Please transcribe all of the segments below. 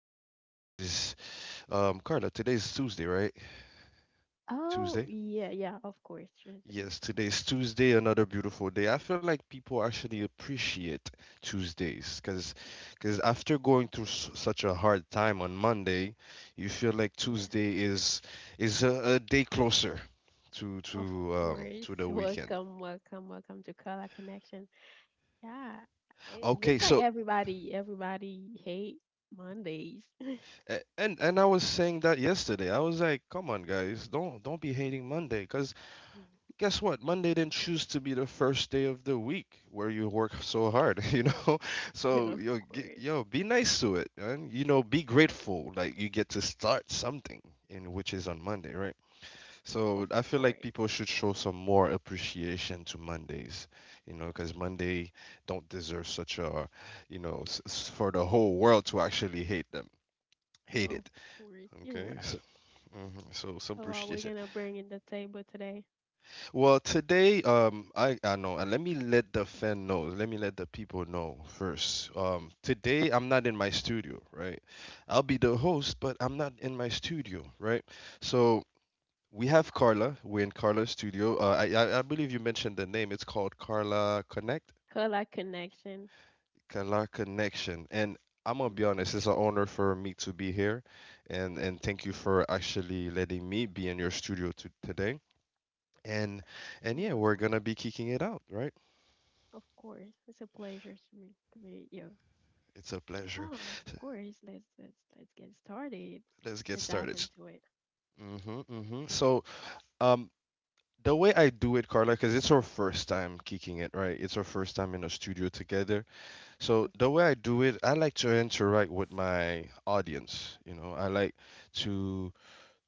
Today is, Carla, today is Tuesday, right? Oh, Tuesday? yeah, yeah, of course. Sure thing. Yes, Yeah, today is Tuesday, another beautiful day. I feel like people actually appreciate Tuesdays because after going through s such a hard time on Monday, you feel like yeah, Tuesday is a day closer to of to um course. to the weekend. Welcome, welcome, welcome to Color Connection. Yeah, it Okay, looks so like everybody hate Mondays. And I was saying that yesterday. I was like, "Come on, guys, don't be hating Monday, because guess what? Monday didn't choose to be the first day of the week where you work so hard," you know. Yeah. So yo, yo, be nice to it, and you know, be grateful. Like you get to start something in which is on Monday, right? So of I feel like course, people should show some more appreciation to Mondays, you know, because Monday don't deserve such a, for the whole world to actually hate them, hate of it. course. You're Okay. So, right. mhm, so some So, we're appreciation. gonna bring in the table today. Well, today, I know, and let me let the fan know. Let me let the people know first. Today I'm not in my studio, right? I'll be the host, but I'm not in my studio, right? So we have Carla. We're in Carla's studio. I believe you mentioned the name. It's called Carla Connect, Color Connection. Carla Connection, and I'm gonna be Mm-hmm. honest, it's an honor for me to be here, and thank you for actually letting me be in your studio to, today. And and yeah, we're Welcome. gonna be kicking it out, right? Of course, it's a pleasure to me to meet you. It's a pleasure. Oh, of course. Let's get started. Let's get Let's dive started. into it. Mm-hmm, mm-hmm. So, um, the way I do it, Carla, because it's our first time kicking it, right? It's our first time in a studio together. So Of the way I course. do it, I like to interact with my audience. You know, I like to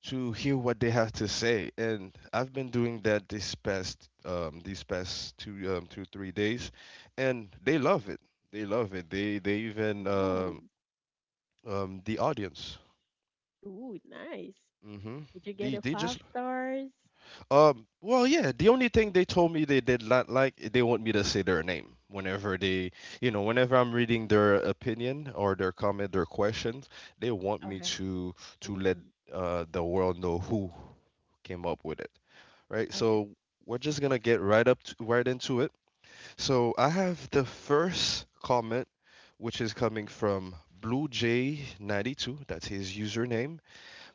to hear what they have to say, and I've been doing that this past these past two three days, and they love it. They love it. Ooh, The audience. ooh, nice. Mm-hmm. Did you They, get a they just five stars? Well yeah, the only thing they told me they did not like, they want me to say their name whenever they, you know, whenever I'm reading their opinion or their comment, their questions, they want me Okay. To let Ooh, the world know who came up with it, right? So okay, we're just gonna get right into it. So I have the first comment, which is coming from Blue J 92, that's his username.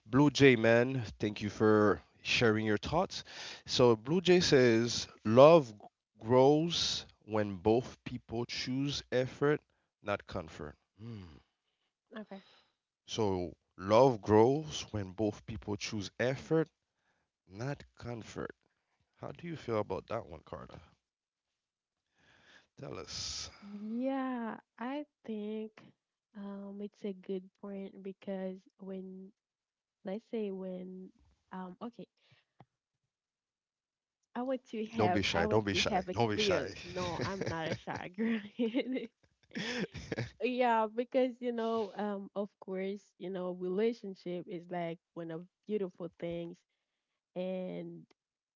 Blue Jay, man, thank you for sharing your thoughts. So, Blue Jay says, "Love grows when both people choose effort, not comfort." okay. So, love grows when both people choose effort, not comfort. How do you feel about that one, Carla? Tell us. Yeah, I think it's a good point because when let's say when okay, Don't be I shy. want Don't be to shy. have a Don't be clear shy. no, I'm not a shy girl. Yeah, because you know, of course, you know, relationship is like one of beautiful things, and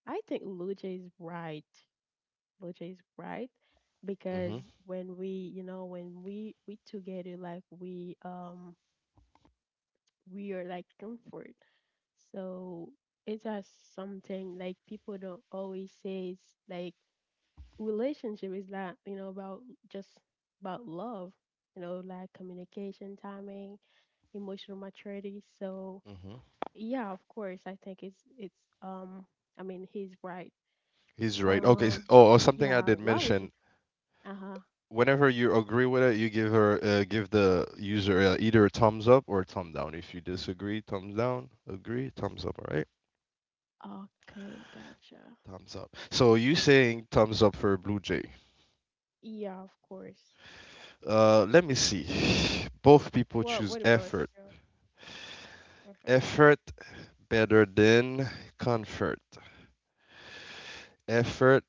I think Luce is right. Luce is right because hmm when we together, like we are like comfort. So it's just something like people don't always say. It's like relationship is not, you know, about just about love. You know, like communication, timing emotional maturity. So hmm yeah, of course, I think it's um I mean he's right. He's right. Okay. Um Oh, or something I yeah, did why would you mention. uh-huh. Whenever you agree with it, you give her, give the user, either a thumbs up or a thumb down. If you disagree, thumbs down. Agree, thumbs up. All right, Okay, gotcha. thumbs up. So you saying thumbs up for Blue Jay? Yeah, of course. Let me see. Both people choose What about effort. you? Mhm. Effort better than comfort. Effort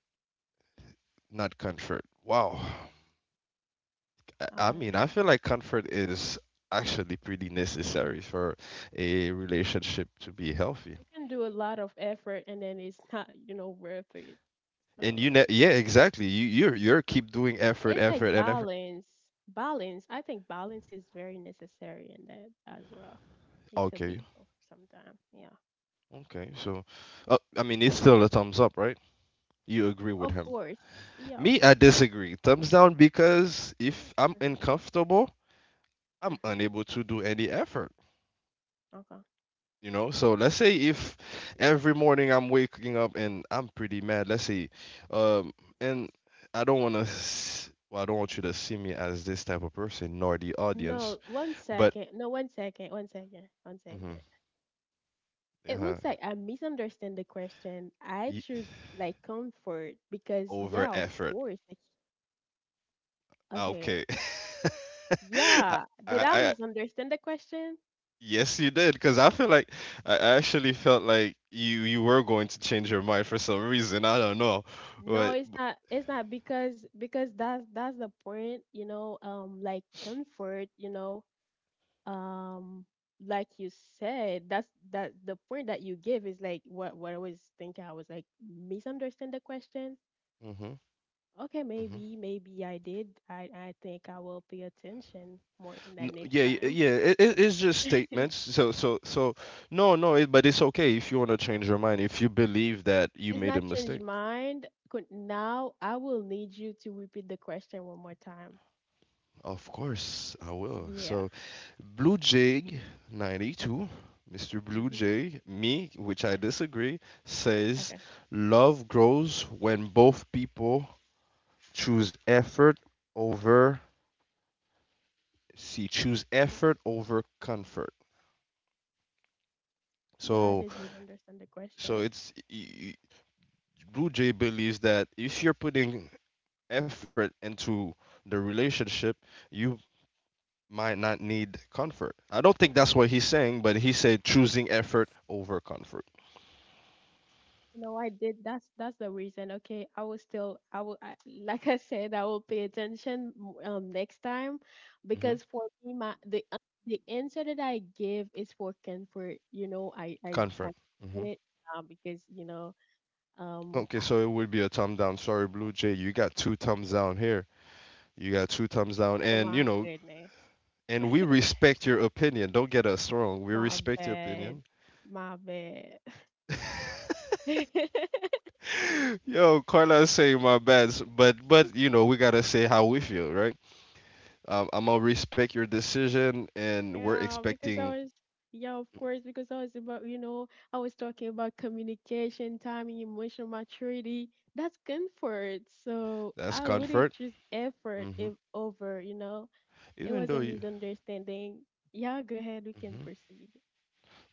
not comfort. Wow. I Okay. mean, I feel like comfort is actually pretty necessary for a relationship to be healthy. You can do a lot of effort and then it's not, you know, worth it. And you So yeah. yeah, exactly. You're keep doing effort, It's like effort, and effort. balance. Balance. I think balance is very necessary in that as well. It could Okay, be both sometime. Yeah. okay. So, I mean, it's still a thumbs up, right? You agree with Of him. course. Yeah, of Me, I course. disagree. Thumbs down, because if I'm Mm-hmm. uncomfortable, I'm Mhm. unable to do any effort. Okay. You know. So let's say if every morning I'm waking up and I'm pretty mad. Let's say, um, and I don't want to. Well, I don't want you to see me as this type of person, nor the audience. No, one But. second. No, one second. One second. One Mhm, second. It uh-huh, looks like I misunderstand the question. I choose like comfort because over yeah, of effort. course. Like Ah, okay. okay. Yeah. I, Did I, I I- misunderstand the question? yes, you did, because I feel like I actually felt like you were going to change your mind for some reason. I don't know, No, but it's not it's not because that's the point, you know, like comfort, you know, um like you said, that's that the point that you give is like what I was thinking. I was like misunderstand the question. hmm Okay, hmm maybe, maybe I did. I think I will pay attention more than No, that next yeah, time. yeah. It's just statements. So, so, so. No, no. It, but it's okay if you want to change your mind if you believe that you It's made a not changed mistake. mind. Could now I will need you to repeat the question one more time. Of course, I will. Yeah. So, Blue Jay 92, Mr. Blue Mm-hmm. Jay, me, which I Yeah. disagree, says Okay. love grows when both people choose effort over, see, choose effort over comfort. Yeah, I So, did misunderstand the so question. it's y- y- Blue Jay believes that if you're putting effort into the relationship, you might not need comfort. I don't think that's what he's saying, but he said choosing effort over comfort. No, I did. That's the reason. Okay, I will, like I said, I will pay attention next time, Hmm because for me, the answer that I give is for comfort. You know, I Comfort. did Hmm it because you know, um, Okay, I- so it would be a thumb down. Sorry, Blue Jay, you got two thumbs down here. You got two thumbs down, oh and you my know, goodness, and we respect your opinion. Don't get us wrong. We my respect your bad, opinion. my bad. Yo, Carlos saying my bads, but you know, we gotta say how we feel, right? I'm gonna respect your decision, and we're Yeah, because I expecting was, yeah, of course, because I was about, you know, I was talking about communication, timing, emotional maturity. That's comfort. So that's I wouldn't comfort. choose effort Hmm. if over, you know, it Even was a though you. misunderstanding. Yeah, go ahead, we can Hmm. proceed.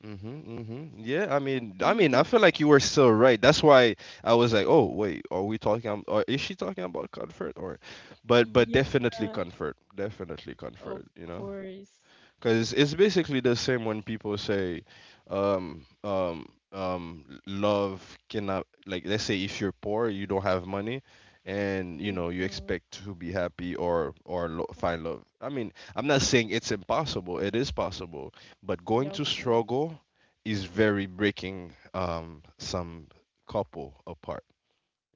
Mm-hmm, hmm. Yeah, I feel like you were still right. That's why I was like, oh, wait, are we talking, or is she talking about comfort? Or, but Yeah, definitely comfort, definitely of comfort. You know. course. Because it's basically the same when people say, love cannot, like, let's say if you're poor, you don't have money, and you know you Hmm. expect to be happy or find love. I mean, I'm not saying it's impossible. It is possible, but going Yeah, to of course. struggle is very breaking some couple apart.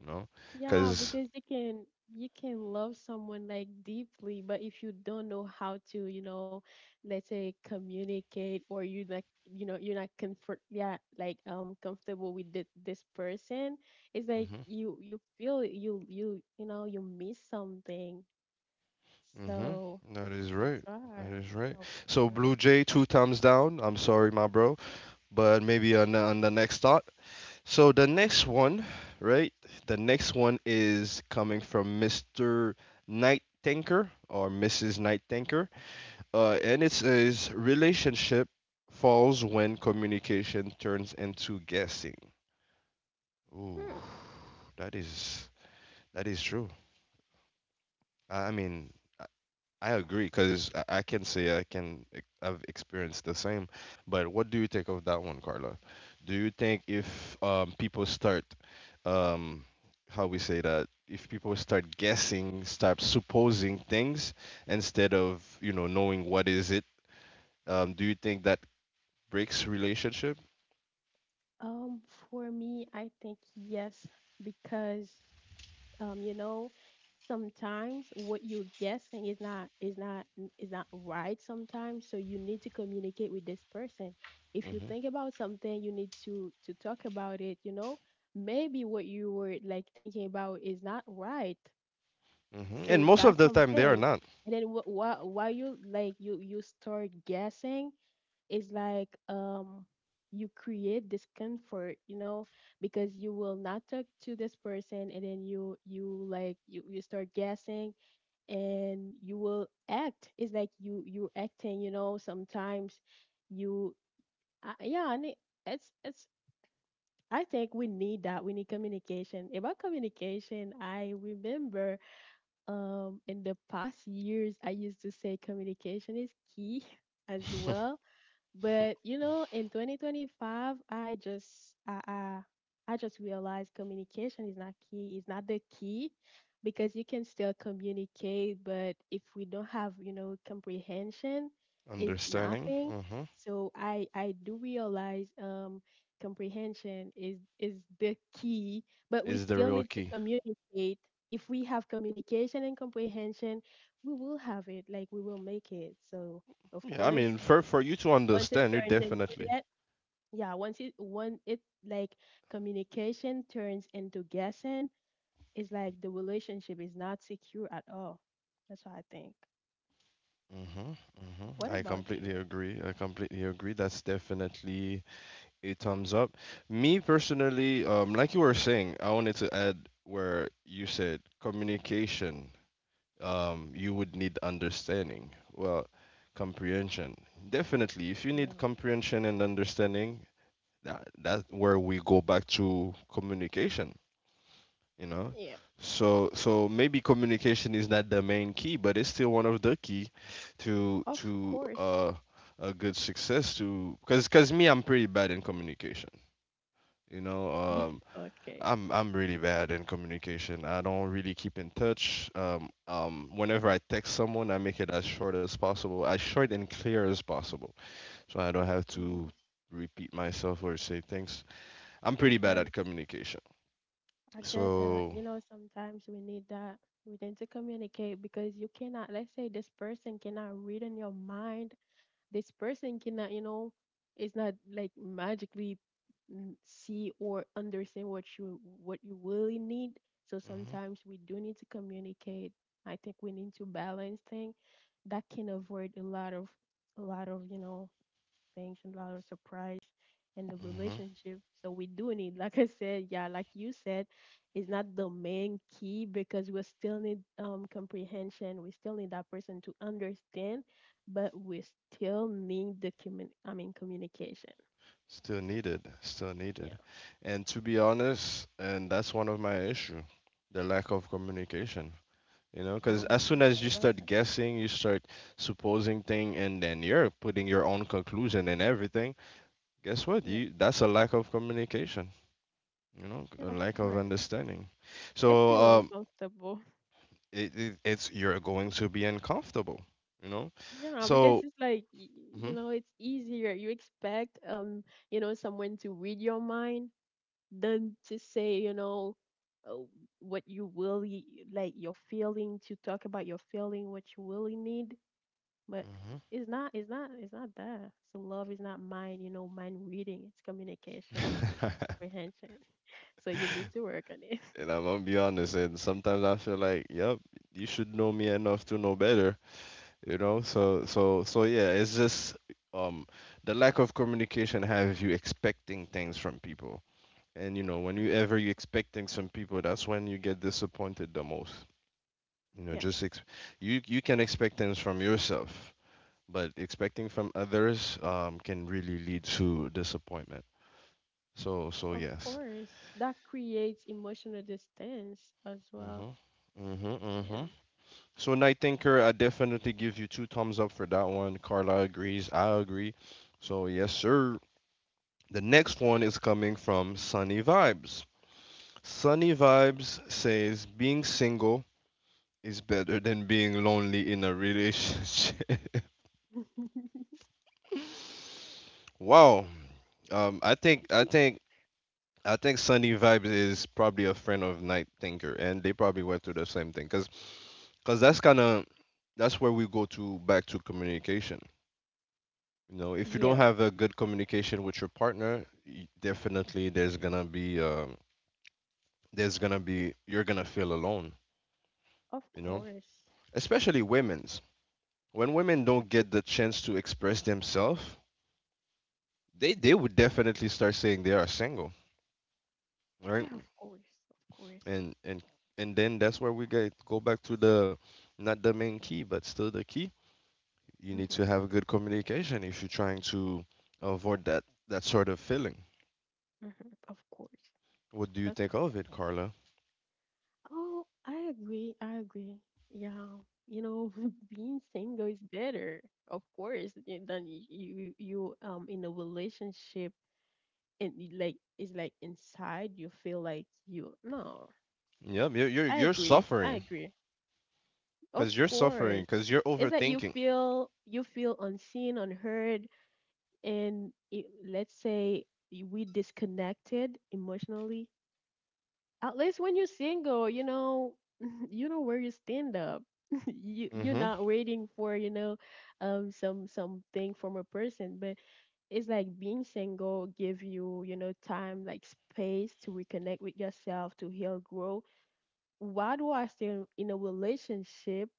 You know, Yeah, because. because you can love someone like deeply, but if you don't know how to, you know, let's say communicate or you're not you know, you're not comfort yeah, like comfortable with this person, it's like Mm-hmm, you feel you know, you miss something. mm-hmm. So That is right. that's That right. is right. Of So Blue course, Jay, yeah. two thumbs down. I'm sorry, my bro. But maybe on the next thought. So the next one, right? The next one is coming from Mr. Night Tanker or Mrs. Night Tanker, and it says relationship falls when communication turns into guessing. Ooh, Hmm. that is that is true. I mean, I agree because I can say I can ex- I've experienced the same. But what do you think of that one, Carla? Do you think if people start, um, how we say that, if people start guessing, start supposing things instead of you know knowing what is it, do you think that breaks relationship? Um, for me, I think yes, because you know, sometimes what you're guessing is not is not is not right sometimes. So you need to communicate with this person. If you Hmm. think about something, you need to talk about it, you know. Maybe what you were like thinking about is not right. Hmm. So And most of that's the time they are something. not. And then what why you like you start guessing is like you create discomfort you know because you will not talk to this person and then you start guessing and you will act it's like you acting you know sometimes you yeah and it, it's I think we need communication about communication. I remember in the past years I used to say communication is key as well but you know, in 2025, I just I just realized communication is not key. It's not the key because you can still communicate, but if we don't have, you know, comprehension, it's Understanding. nothing. Hmm. So I do realize comprehension is the key, but we Is the still real need to key. communicate. If we have communication and comprehension, we will have it, like we will make it. So of Yeah, I mean, course for you to once it understand, you turns into definitely. that. Yeah, once it when it like communication turns into guessing it's like the relationship is not secure at all. That's what I think. Mm-hmm, mm-hmm. What I about completely you? agree. I completely agree. That's definitely a thumbs up. Me personally, like you were saying, I wanted to add where you said communication, you would need understanding. Well, comprehension. Definitely, if you need Yeah, comprehension and understanding, that that where we go back to communication, you know. yeah, So so maybe communication is not the main key, but it's still one of the key of to course. A good success to, because me, I'm pretty bad in communication, you know. um Okay, i'm i'm really bad in communication. I don't really keep in touch. Whenever I text someone, I make it as short as possible, as short and clear as possible, so I don't have to nice, repeat myself or say things. I'm pretty bad because at communication. I get that So you know sometimes we need that. We need to communicate because you cannot let's say this person cannot read in your mind. This person cannot, you know, it's not like magically mm, see or understand what you really need. So sometimes we do need to communicate. I think we need to balance things that can avoid a lot of, you know, things and a lot of surprise in the mhm, relationship. So we do need, like I said, yeah, like you said, it's not the main key because we still need comprehension. We still need that person to understand, but we still need the commun I mean communication. still needed, still Yeah. needed. And to be honest, and that's one of my issue, the lack of communication. You know, because Oh, as soon I'm as sorry you about start that. guessing, you start supposing thing, and then you're putting your own conclusion and everything. Guess what? Yeah. You, that's a lack of communication. You know, Yeah, a of lack of course. understanding. It So feel uncomfortable. it it's you're going to be uncomfortable. You know, Yeah, because so. it's like you Mhm, know, it's easier. You expect you know, someone to read your mind than to say you know uh, what you really like your feeling to talk about your feeling what you really need but it's not it's not it's not that. So love is not mind you know mind reading. It's communication mhm. comprehension. So you need to work on it. And I'm gonna be honest, and sometimes I feel like, yep, you should know me enough to know better, you know? So yeah, it's just um the lack of communication have you expecting things from people. And you know, when you Mhm. ever you expect things from people, that's when you get disappointed the most. You know, Yeah, you you can expect things from yourself, but expecting from others can really lead to disappointment. So so of yes. course, that creates emotional distance as well. Mhm. Yeah. Mhm. So Night Thinker, I definitely give you two thumbs up for that one. Carla agrees. I agree. So yes, sir. The next one is coming from Sunny Vibes. Sunny Vibes says being single is better than being lonely in a relationship. Wow. Um, I think I think I think Sunny Vibes is probably a friend of Night Thinker, and they probably went through the same thing. Cause, 'cause that's kind of that's where we go to back to communication. You know, if you don't Yeah, have a good communication with your partner, y- definitely there's gonna be you're gonna feel alone. of You know, course. especially women's. When women don't Mhm. get the chance to express themselves, they would definitely start saying they are single, right? Yeah, of course, of course. And and then that's where we get go back to the not the main key, but still the key. You Hmm. need to Hmm. have good communication if you're trying to avoid that that sort of feeling. Of course. What do you That's think of it, Carla? Oh, I agree. I agree. Yeah. You know, being single is better, of course, than you you in a relationship and like it's like inside you feel like you no. Yep, you're you're I you're agree. I suffering agree. Of because you're suffering course. because you're It's that overthinking. You feel unseen, unheard, and it, let's say we disconnected emotionally. At least when you're single, you know, you know where you stand up. You you're Mm-hmm. not waiting for you know, some something from a person, but it's like being single give you you know time like space to reconnect with yourself to heal, grow. Why do I stay in a relationship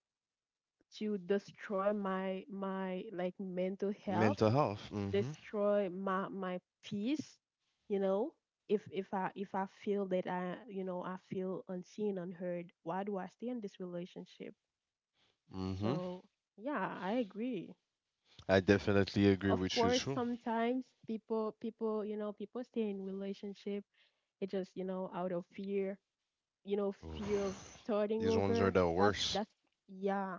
to destroy my my like mental health? Mental health. Mm-hmm. Destroy my my peace. You know, if I feel that I you know I feel unseen unheard, why do I stay in this relationship? Mm-hmm. So yeah, I agree. I definitely agree Of with you course too. sometimes people people you know people stay in relationship. It just you know out of fear, you know, fear of Oof. starting These ones are over. the that's worst, that's yeah.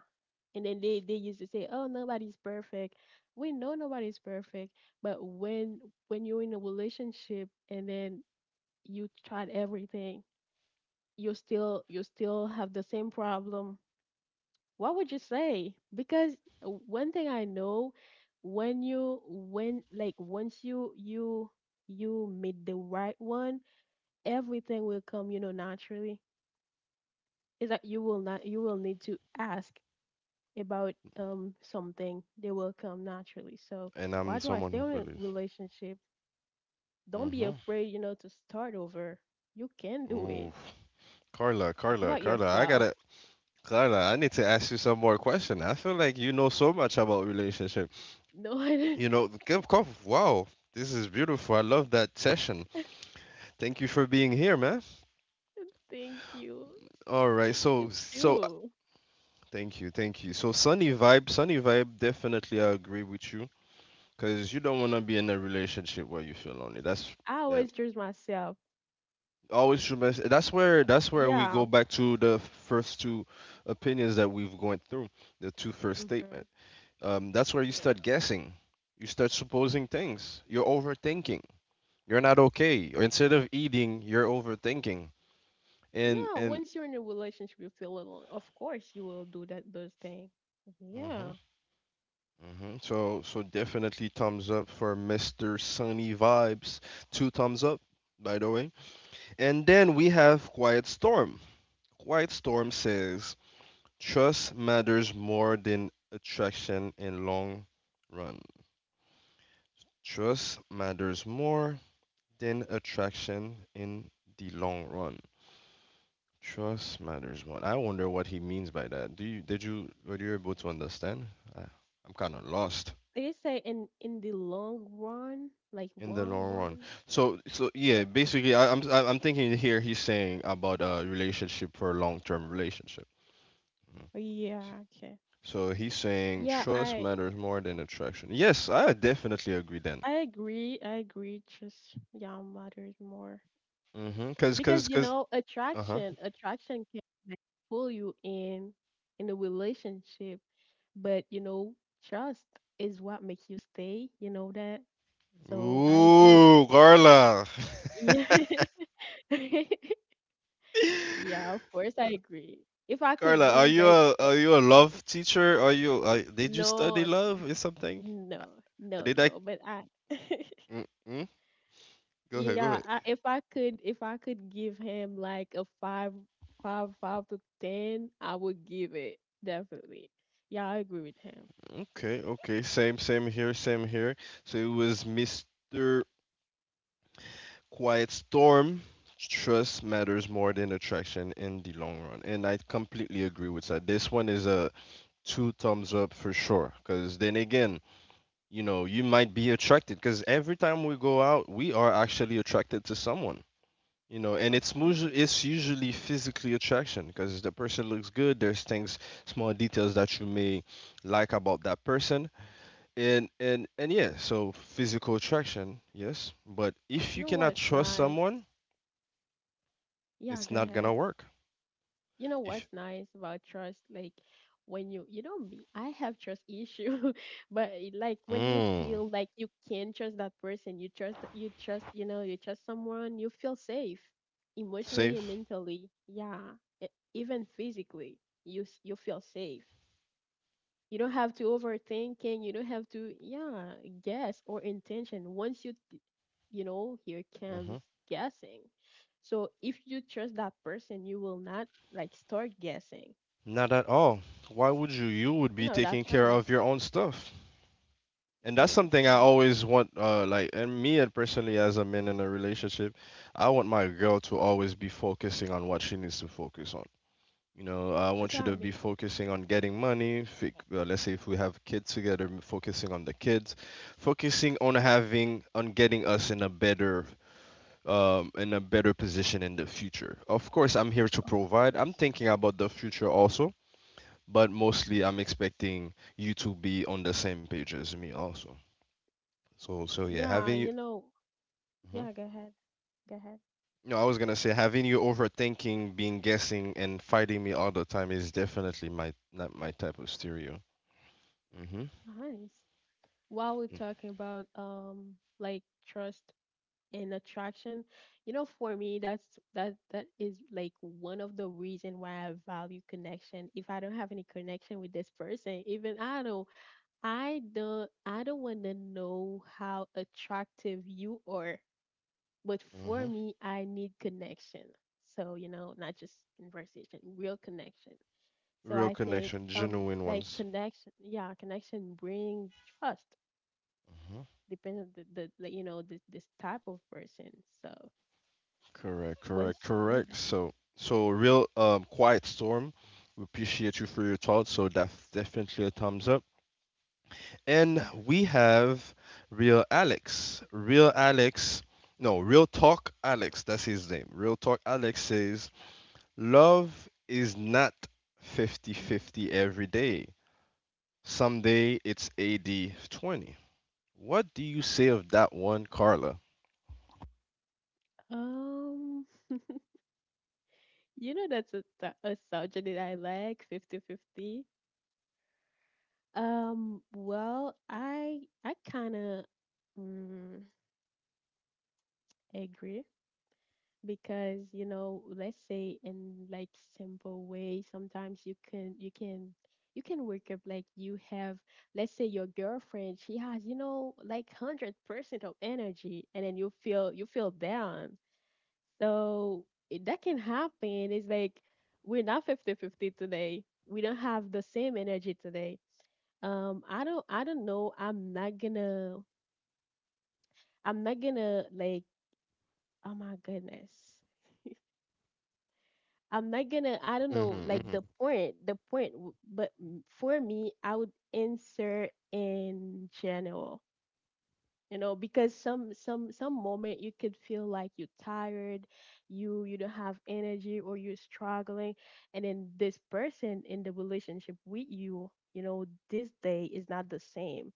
And then they used to say, "Oh, nobody's perfect." We know nobody's perfect, but when you're in a relationship and then you tried everything, you still have the same problem. What would you say? Because one thing I know, when you when like once you you meet the right one, everything will come, you know, naturally. It's like you will not you will need to ask about something, they will come naturally. So and I'm why do I someone stay who in a believes. relationship? Don't be Mm-hmm. afraid, you know, to start over. You can do it. Ooh, Carla, Think Carla, about Carla. I yourself. gotta, Carla. I need to ask you some more question. I feel like you know so much about relationship. No, I didn't. You know, give cough. Wow, this is beautiful. I love that session. Thank you for being here, man. Thank you. All right, Thank you so too. thank you, thank you. So sunny vibe, sunny vibe. Definitely, I agree with you because you don't want to be in a relationship where you feel lonely. That's I uh, always choose myself. always true. That's where we Yeah. go back to the first two opinions that we've gone through, the two first statement. Mm-hmm. That's where you Yeah. start guessing. You start supposing things. You're overthinking. You're not okay. Or instead of eating, you're overthinking. And Yeah. and Once you're in a relationship, you feel alone. Of course, you will do that those things. mhm. Yeah. Hmm. So, so definitely thumbs up for Mr. Sunny Vibes. Two thumbs up, by the way. And then we have Quiet Storm. Quiet Storm says, trust matters more than attraction in long run. Trust matters more than attraction in the long run. Trust matters more. I wonder what he means by that. Do you did you were you able to understand? Uh, I'm kind of lost. Like I just say in the long run, like In the one long run. one. So so Yeah. yeah, basically I'm thinking here he's saying about a relationship for a long term relationship. Mm. Oh, Yeah. Okay. So he's saying Yeah, trust matters more than attraction. Yes, I definitely agree then. I agree. I agree. Just yeah, matters more Mm-hmm. Cause because cause you cause know uh-huh. Attraction can like, pull you in a relationship, but you know trust is what makes you stay. You know that. So I agree with Ooh, Carla. you. Yeah, yeah. Of course, I agree. If I could Carla, do like yeah, are you a love teacher? Are you did you no, study n- love or something? Uh, no, Did I? no, but I. Mm-mm. Go Yeah, ahead. If I could give him like five, 5 to 10, I would give it definitely. Yeah, I agree with him. Okay, okay, same, same here, same here. So it was Mr. Quiet Storm. Trust matters more than attraction in the long run, and I completely agree with that. This one is a two thumbs up for sure. Because then again, you know, you might be attracted. Because every time we go out, we are actually attracted to someone. You know, and Of it's usually course. it's usually physically attraction because the person looks good. There's things, small details that you may like about that person and yeah, so physical attraction, yes, but if You you know cannot what's trust nice? someone, Yeah, it's go not ahead. gonna work. You know If what's nice about trust, like, when you know me, I have trust issue but like, when you mm, feel like you can trust that person, you know, you trust someone, you feel safe emotionally and safe. mentally, yeah. e- Even physically, you feel safe. You don't have to overthinking. You don't have to, yeah, guess or intention. Once you, you know, here comes Hmm. guessing. So if you trust that person, you will not, like, start guessing. Not at all. Why would you you would You be know that taking kind care of, of your own stuff, and that's yeah. something I So always want, like, and me and personally as a man in a relationship, I want my girl to always be focusing on what she needs to focus on. You know, I that's want you what I to be mean. focusing on getting money. Let's say if we have kids together, focusing on the kids, focusing on having on getting us in a better position in the future. Of course, I'm here to Of provide. I'm course. thinking about the future also, but mostly I'm expecting you to be on the same page as me also. So yeah, Yeah. having you. You know. Mhm. Yeah. Go ahead. Go ahead. No, I was gonna say having you overthinking, being guessing, and fighting me all the time is definitely my not my type of stereo. Hmm Nice. While we're talking about like trust and attraction, you know, for me that is like one of the reason why I value connection. If I don't have any connection with this person, even I don't want to know how attractive you are. But for hmm. me, I need connection. So, you know, not just conversation, real connection. So Real I think, connection, genuine like, ones. connection, yeah, connection bring trust, Hmm. depends on the like, you know, this type of person, so. Correct, correct, Once you get correct. that. So, so Hmm. real quiet storm. We appreciate you for your thoughts. So that's definitely a thumbs up. And we have real Alex. Real Alex. No, real talk Alex. That's his name. Real talk Alex says love is not 50-50 every day. Someday it's 80-20. What do you say of that one, Carla? Um, You know, that's a, a subject that I like, 50-50. Well, I kind of mm, agree because, you know, let's say in, like, simple way, sometimes you can, you can wake up like you have, let's say, your girlfriend, she has, you know, like 100% of energy, and then you feel down. So that can happen. It's like we're not 50-50 today. We don't have the same energy today. I don't, know. I'm not gonna, like, oh my goodness. I'm not gonna I don't know, like, Mm-hmm. The point but for me I would answer in general, you know, because some moment you could feel like you're tired, you don't have energy or you're struggling, and then this person in the relationship with you, you know, this day is not the same.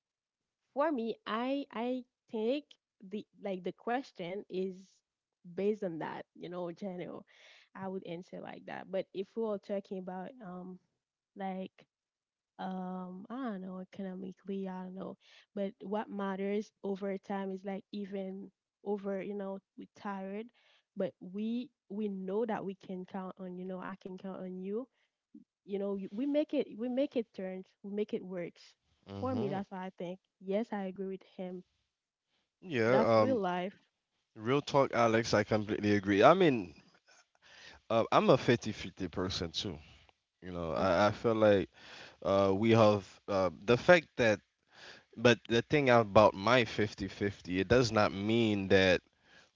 For me, I think the, like, the question is based on that, you know, general. I would answer like that. But if we are talking about, like, I don't know, economically, I don't know. But what matters over time is, like, even over, you know, we tired, but we know that we can count on, you know, I can count on you. You know, we make it, turns, we make it works. For me, Mm-hmm. that's what I think. Yes, I agree with him. Yeah, That's real life. real talk, Alex, I completely agree. I mean, I'm a 50-50 person too. You know, I Mm-hmm. feel like we have the fact that, but the thing about my 50-50, it does not mean that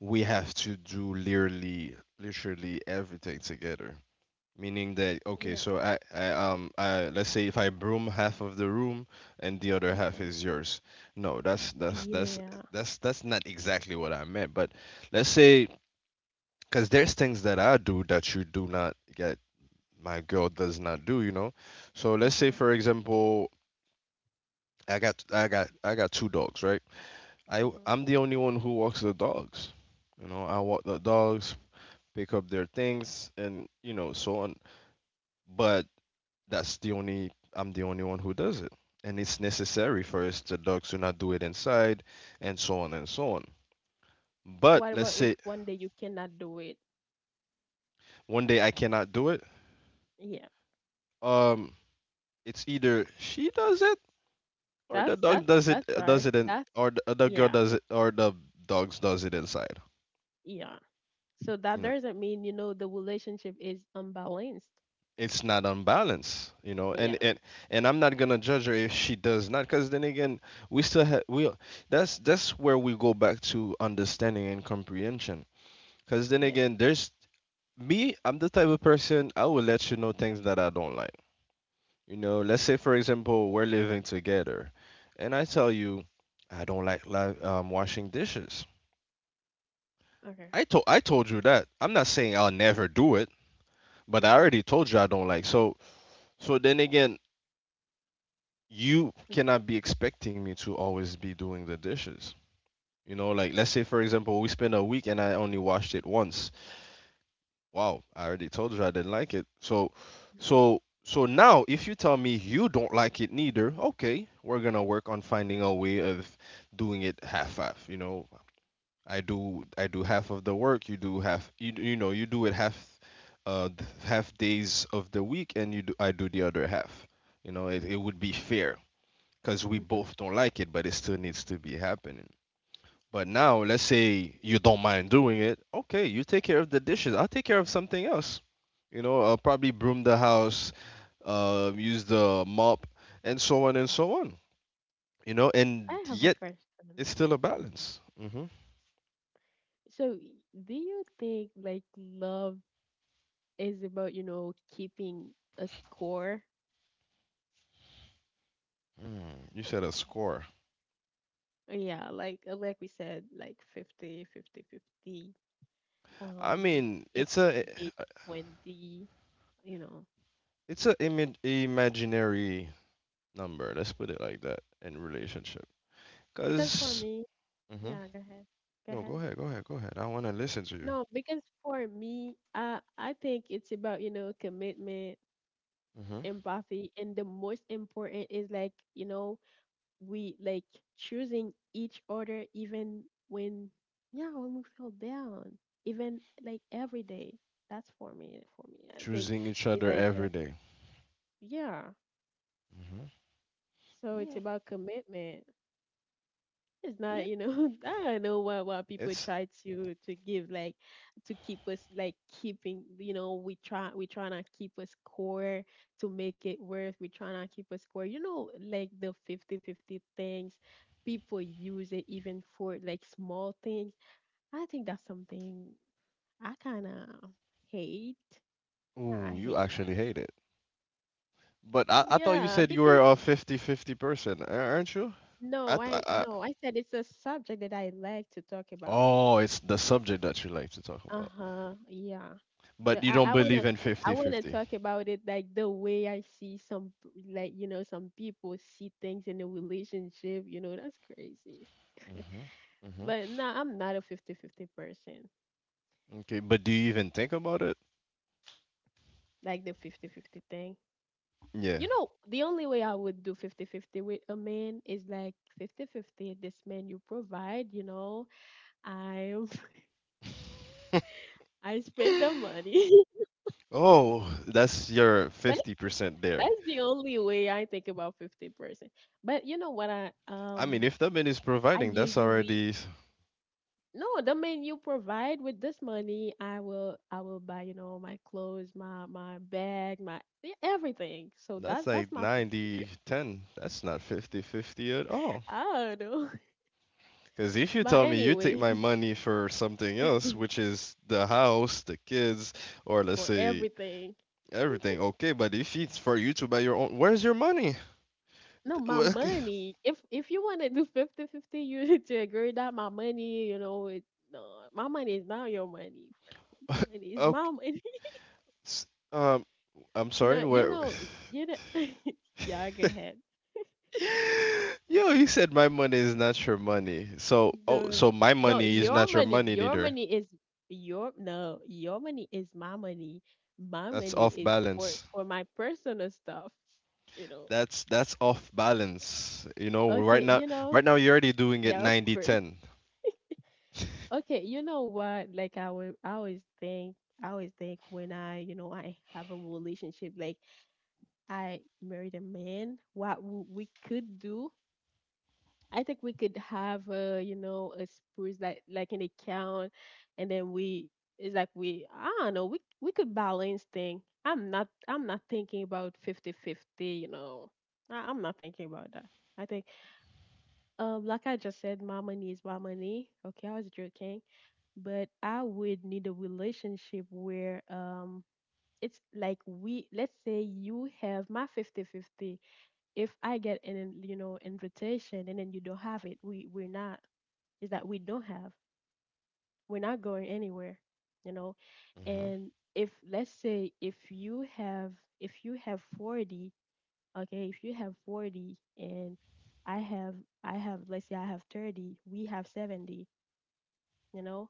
we have to do literally, literally everything together. Meaning that okay, Yeah. so I let's say if I broom half of the room and the other Mm-hmm. half is yours. No, Yeah. That's not exactly what I meant. But let's say because there's things that I do that you do not get. My girl does not do, you know. So let's say Mm-hmm. for example, I got two dogs, right? Mm-hmm. I'm the only one who walks the dogs. You know, I walk the dogs, pick up their things, and you know so on. But that's the only I'm the only one who does it. And it's necessary for us the dogs to not do it inside and so on and so on. But What let's about if say one day you cannot do it? one day I cannot do it. Yeah. Um it's either she does it or the dog That's does right. it in That's, or the girl yeah. does it or the dogs does it inside. Yeah. So You that know. doesn't mean, you know, the relationship is unbalanced. It's not unbalanced, you know, and Yeah. and and I'm not gonna judge her if she does not, because then again, we still have we that's where we go back to understanding and comprehension because then Yeah. again there's me, I'm the type of person I will let you know things that I don't like. You know, let's say for example we're living together, and I tell you I don't like washing dishes. Okay. I told you that. I'm not saying I'll never do it, but I Mm-hmm. already told you I don't like. So then again, you cannot be expecting me to always be doing the dishes. You know, like let's say for example we spend a week and I only washed it once. Wow, I already told you I didn't like it. So now if you tell me you don't like it neither, okay, we're gonna work on finding a way of doing it half half. You know, I do half of the work, you do half. You know, you do it half, half days of the week, and you do I do the other half. You know, it would be fair because we Mm-hmm. both don't like it, but it still needs to be happening. But now, let's say you don't mind doing it. Okay, you take care of the dishes. I'll take care of something else. You know, I'll probably broom the house, use the mop, and so on and so on. You know, and I have a yet it's question. still a Mm. balance. Hmm. So, do you think like love is about, you know, keeping a score? You said a score. Yeah, like, like we said, like 50-50-50. I um, mean, 80, eighty, 20, you know. it's a imaginary number. Let's put it like that in relationship. Because for Because me, hmm. yeah, go ahead. Go No, ahead. Go ahead. I want to listen to you. No, because for me, I think it's about, you know, commitment, Hmm. empathy, and the most important is, like, you know, we, like, choosing each other, even when, yeah, when we feel down, even like every day. That's for me, for me. I think Choosing each it's other like, every day. yeah. So it's Yeah, about commitment. It's not, yeah. you know, I don't know what people It's try to give, like, to keep us, like, keeping, you know, we try to keep a score to make it worth, we try to keep a score, you know, like the 50 50 things people use it even for, like, small things. I think that's something I kind of hate. ooh, I you hate actually that. hate it. But I thought you Yeah, said you were because a 50-50 person, a- aren't you? no, I I said it's a subject that I like to talk about it. oh, it's the subject that you like to talk about. Uh-huh. Yeah. The But you don't believe in I wanna 50-50. talk about it, like, the way I see some like, you know, some people see things in a relationship, you know, that's crazy. Hmm hmm. But no, I'm not a 50-50 person. Okay, but do you even think about it? Like the 50-50 thing. Yeah. You know, the only way I would do 50-50 with a man is like 50-50. This man, you provide, you know. I I spend the money. Oh, that's your That's 50% there. that's the only way I think about 50%. But you know what I mean, if the man is I providing, that's usually, already no, the man you provide with this money, I will buy, you know, my clothes, my bag, my everything. So that's that's like my 50. 90-10. That's not 50-50 at all. I don't know. Because if you But tell me you take anyway, my money for something else, which is the house, the kids, or let's for say everything. everything, okay. But if it's for you to buy your own, where's your money? No, my Well, okay, money. If you want to do 50 50, you need to agree that my money, you know, it no, my money is not your money for now. My money is my okay, money. s- Um, I'm No, sorry. you Where? know, you know, yeah, go ahead. Yo, you said my money is not your money. So, oh, The so my No, money is not your money your neither. money is your, no, your money is my money. My That's money off is for balance. My personal stuff. You know. That's off balance. You know, right Okay, now, you know, right now you're already doing it yeah, of ninety course. ten. Okay, you know what? Like I always think, when I, you know, I have a relationship, like, I married a man. What we could do, I think we could have, you know, a spruce, like an account, and then we, it's like we, I don't know, we could balance thing. I'm not thinking about 50 50, you know. I'm not thinking about that. I think, like I just said, my money is my money. Okay, I was joking. But I would need a relationship where, it's like we, let's say, you have my 50 50. If I get an, you know, invitation, and then you don't have it, we're not, is that we don't have. We're not going anywhere, you know. And if let's say if you have, 40, okay, if you have 40 and I have I have, let's say, I have 30, we have 70, you know,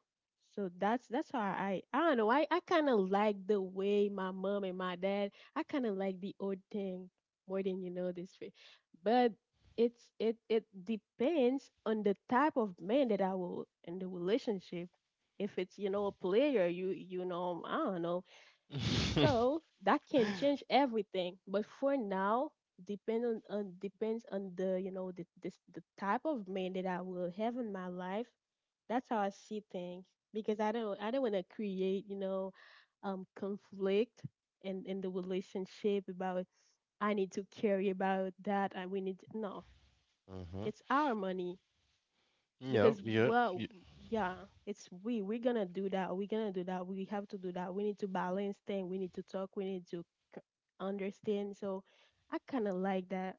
so that's how I don't know, I kind of like the way my mom and my dad. I kind of like the old thing more than, you know, this way. But it it depends on the type of man that I will in the relationship. If it's, you know, a player, you know, I don't know. Mm-hmm. So that can change everything. But for now, depends on, the you know, the this the type of man that I will have in my life. That's how I see things. Because I don't want to create, you know, conflict in the relationship about, I need to carry about that, and we need to, no, it's our money. Yeah, Because, yeah, well, yeah. yeah, it's, we're gonna do that, we have to do that, we need to balance things, we need to talk, we need to c- understand. So I kind of like that.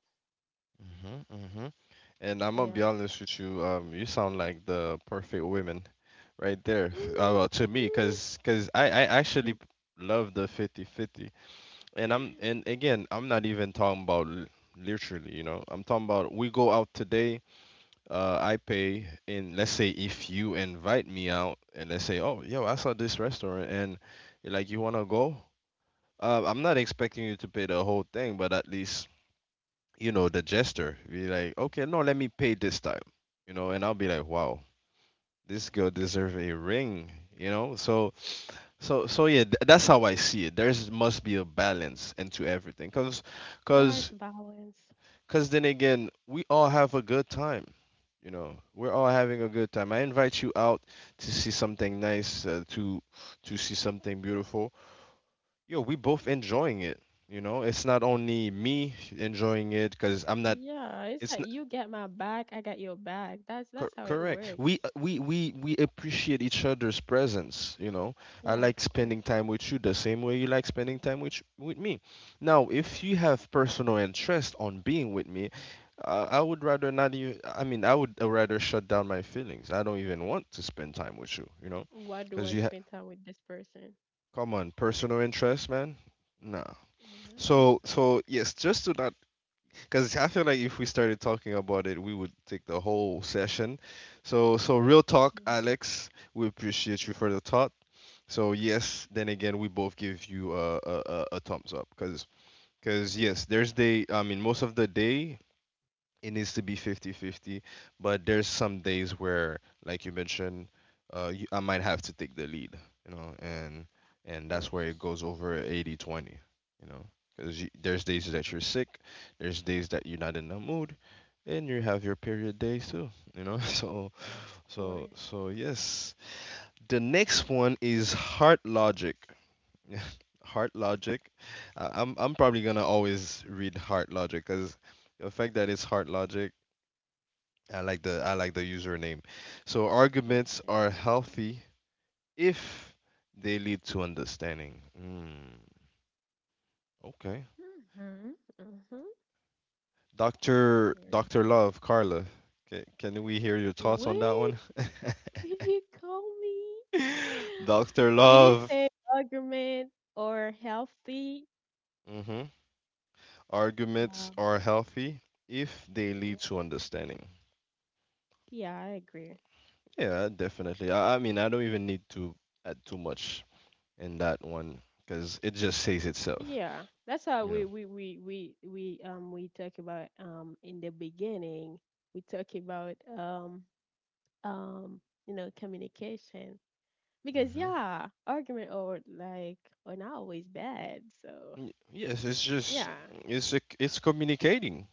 Mhm, mhm. And I'm gonna be Yeah. honest with you. You sound like the perfect woman, right there. Mm, Well, to me, cause, cause I, actually mm. Love the 50-50. And I'm, and again, I'm not even talking about literally. You know, I'm talking about we go out today. I pay, and let's say if you invite me out, and let's say, oh, yo, I saw this restaurant, and you're like, you wanna go? I'm not expecting you to pay the whole thing, but at least you know, the gesture. Be like, okay, no, let me pay this time, you know, and I'll be like, wow, this girl deserves a ring, you know. So yeah, that's how I see it. There's must be a balance into everything, Yeah, it's cause, balance. cause then again, we all have a good time. You know, we're all having a good time. I invite you out to see something nice, to see something beautiful. Yo, we both enjoying it. You know, it's not only me enjoying it, cause I'm not. Yeah, it's It's like you get my back, I got your back. That's how it Correct. works. We we appreciate each other's presence. You know, I Yeah, of like spending course. time with you the same way you like spending time with with me. Now, if you have personal interest on being with me, I would rather not even. I mean, I would rather shut down my feelings. I don't even want to spend time with you. You know, Why do because I you ha- spend time with this person? come on, personal interest, man. Nah. Yeah, So so so yes, just to not because I feel like if we started talking about it, we would take the whole session. So real talk, of Alex. We appreciate you for the thought. So yes, then again, we both give you a thumbs up. Because yes, there's day. I mean, most of the day it needs to be 50-50, but there's some days where like you mentioned I might have to take the lead, you know, and that's where it course. goes over 80-20, you know, because there's days that you're sick, there's days that you're not in the mood, and you have your period days too, you know. so Of so course. so yes, the next one is Heart Logic. Heart Logic. I'm probably gonna always read Heart Logic because the fact that it's Heart Logic, I like the username. So arguments are Okay. healthy if they lead to understanding. Okay. Mm-hmm. Mm-hmm. Doctor There you Doctor go. Love, Carla, can we hear your thoughts on that What one? did you call me? Doctor Did you Love. say argument or healthy? hmm Arguments Um, are healthy if they mhm. lead to understanding. Yeah, I agree. Yeah, definitely. I mean, I don't even need to add too much in that one because it just says itself. Yeah, that's how You know. We talk about, in the beginning. We talk about, um you know, communication, because Mm-hmm. yeah, argument or like, are not always bad. So Yes, it's just yeah. it's it's communicating.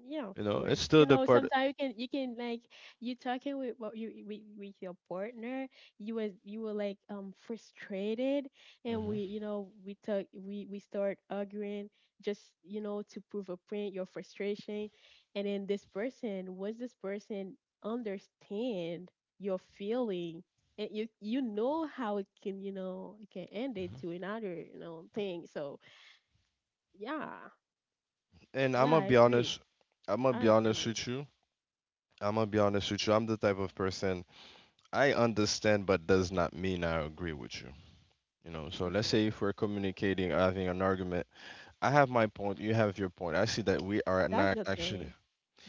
Yeah, of You know, it's course. still You the know, part. sometimes you can, like, you talking with what you with, your partner, you were, like, frustrated, and we, Mhm. you know, we start arguing, just, you know, to prove a point, your frustration, and then this person understand your feeling, and you know how it can, you know, it can end it to another, you know, thing. So, yeah. And I'm Yeah, gonna I be agree. honest. I'm gonna I be honest agree. with you. I'm gonna be honest with you. I'm the type of person I understand, but does not mean I agree with you. You know, so let's Mm-hmm. say if we're communicating or having an argument, I have my point, you have your point. I see that we are That's not the actually thing.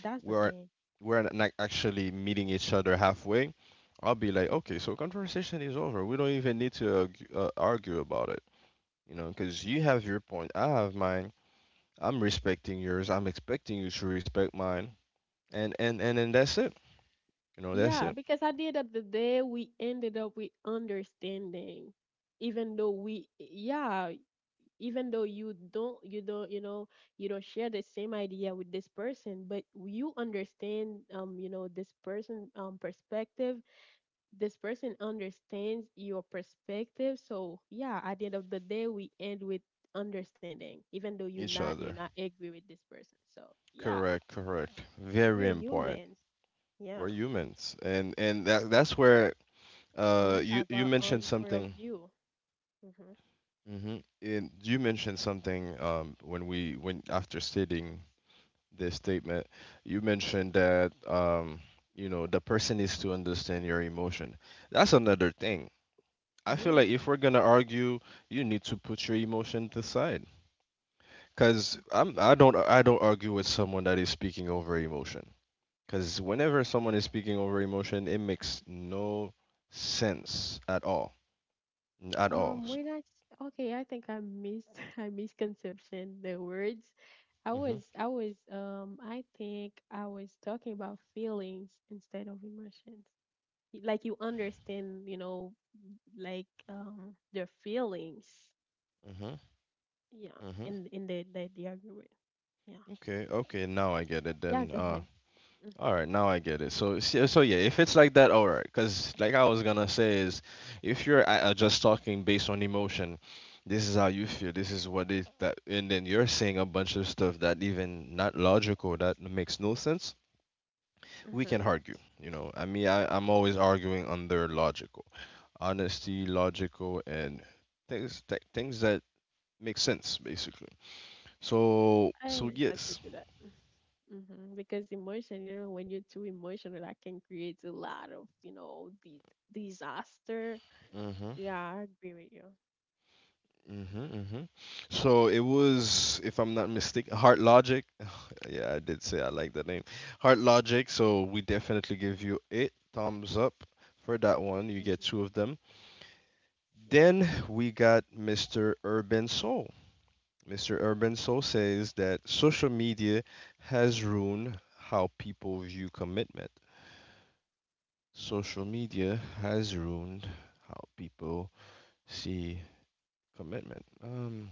That's we the are thing. we're not actually meeting each other halfway. I'll be like, okay, Hmm. so conversation is over. We don't even need to argue, argue about it. You know, because you have your point, I have mine. I'm respecting yours. I'm expecting you to respect mine, and and then that's it. You know, that's Yeah, it. because at the end of the day, we ended up with understanding. Even though we, yeah, even though you don't, you know, you don't share the same idea with this person, but you understand, you know, this person, perspective. This person understands your perspective. So yeah, at the end of the day, we end with understanding, even though you Each not, other. Agree with this person. So yeah, Correct, correct. Very we're important. humans. Yeah, We're humans, and that's where we you have our mentioned own point of something. view. Hmm. Mm-hmm. And you mentioned something when we when after stating this statement, you mentioned that you know the person needs to understand your emotion. That's another thing. I feel like Yeah. if we're gonna argue, you need to put your emotion to the side. Cause I don't argue with someone that is speaking over emotion. Cause whenever someone is speaking over emotion, it makes no sense at all, at all. When okay, I think I mis I misconception the words. Hmm I was, I think I was talking about feelings instead of emotions. Like you understand, you know, like, their feelings. hmm Yeah, hmm in the argument. Yeah. Okay, okay, now I get it Yeah. then. Go ahead. All right, now I get it. So yeah, if it's like that, all right. Because like I was gonna say is, if you're just talking based on emotion, this is how you feel. This is what it that, and then you're saying a bunch of stuff that even not logical, that makes no sense. We Mm-hmm. can argue. You know, I mean, I'm always arguing under logical, honesty, logical, and things things that make sense basically. So I so had to yes. do that. Hmm. Because emotion, you know, when you're too emotional, that can create a lot of, you know, the disaster. hmm Yeah, I agree with you. Mm-hmm, mm-hmm. So it was, if I'm not mistaken, Heart Logic. Yeah, I did say I like the name. Heart Logic. So we Hmm. definitely give you eight thumbs up for that one. You get two of Hmm. them. Yeah. Then we got Mr. Urban Soul. Mr. Urban Soul says that social media has ruined how people view commitment. Social media has ruined how people see commitment.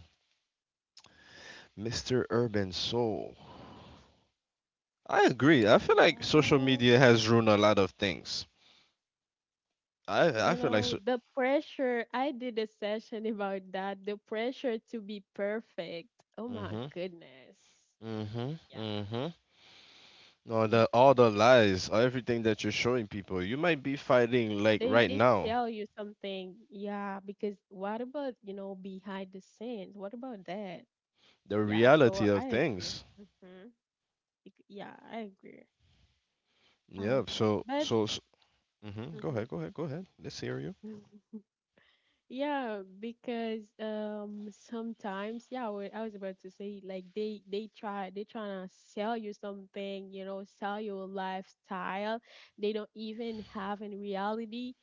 Mr. Urban Soul. I agree. I feel like social Well, media has ruined a lot of things. I feel like the pressure, I did a session about that, the pressure to be perfect. Oh my mhm, goodness. Yeah. mhm. No, the all the Mhm. lies, everything that you're showing people, you might be fighting like They right they now sell you something. Yeah, because what about, behind the scenes? What about that? the Yeah, reality so of I agree. things. Mm-hmm. Yeah, I agree. I Yeah. agree. But Mhm. Go hmm ahead. Go ahead. Go ahead. Let's hear you. yeah, because sometimes yeah, what I was about to say, like, they trying to sell you something, sell you a lifestyle. They don't even have in reality.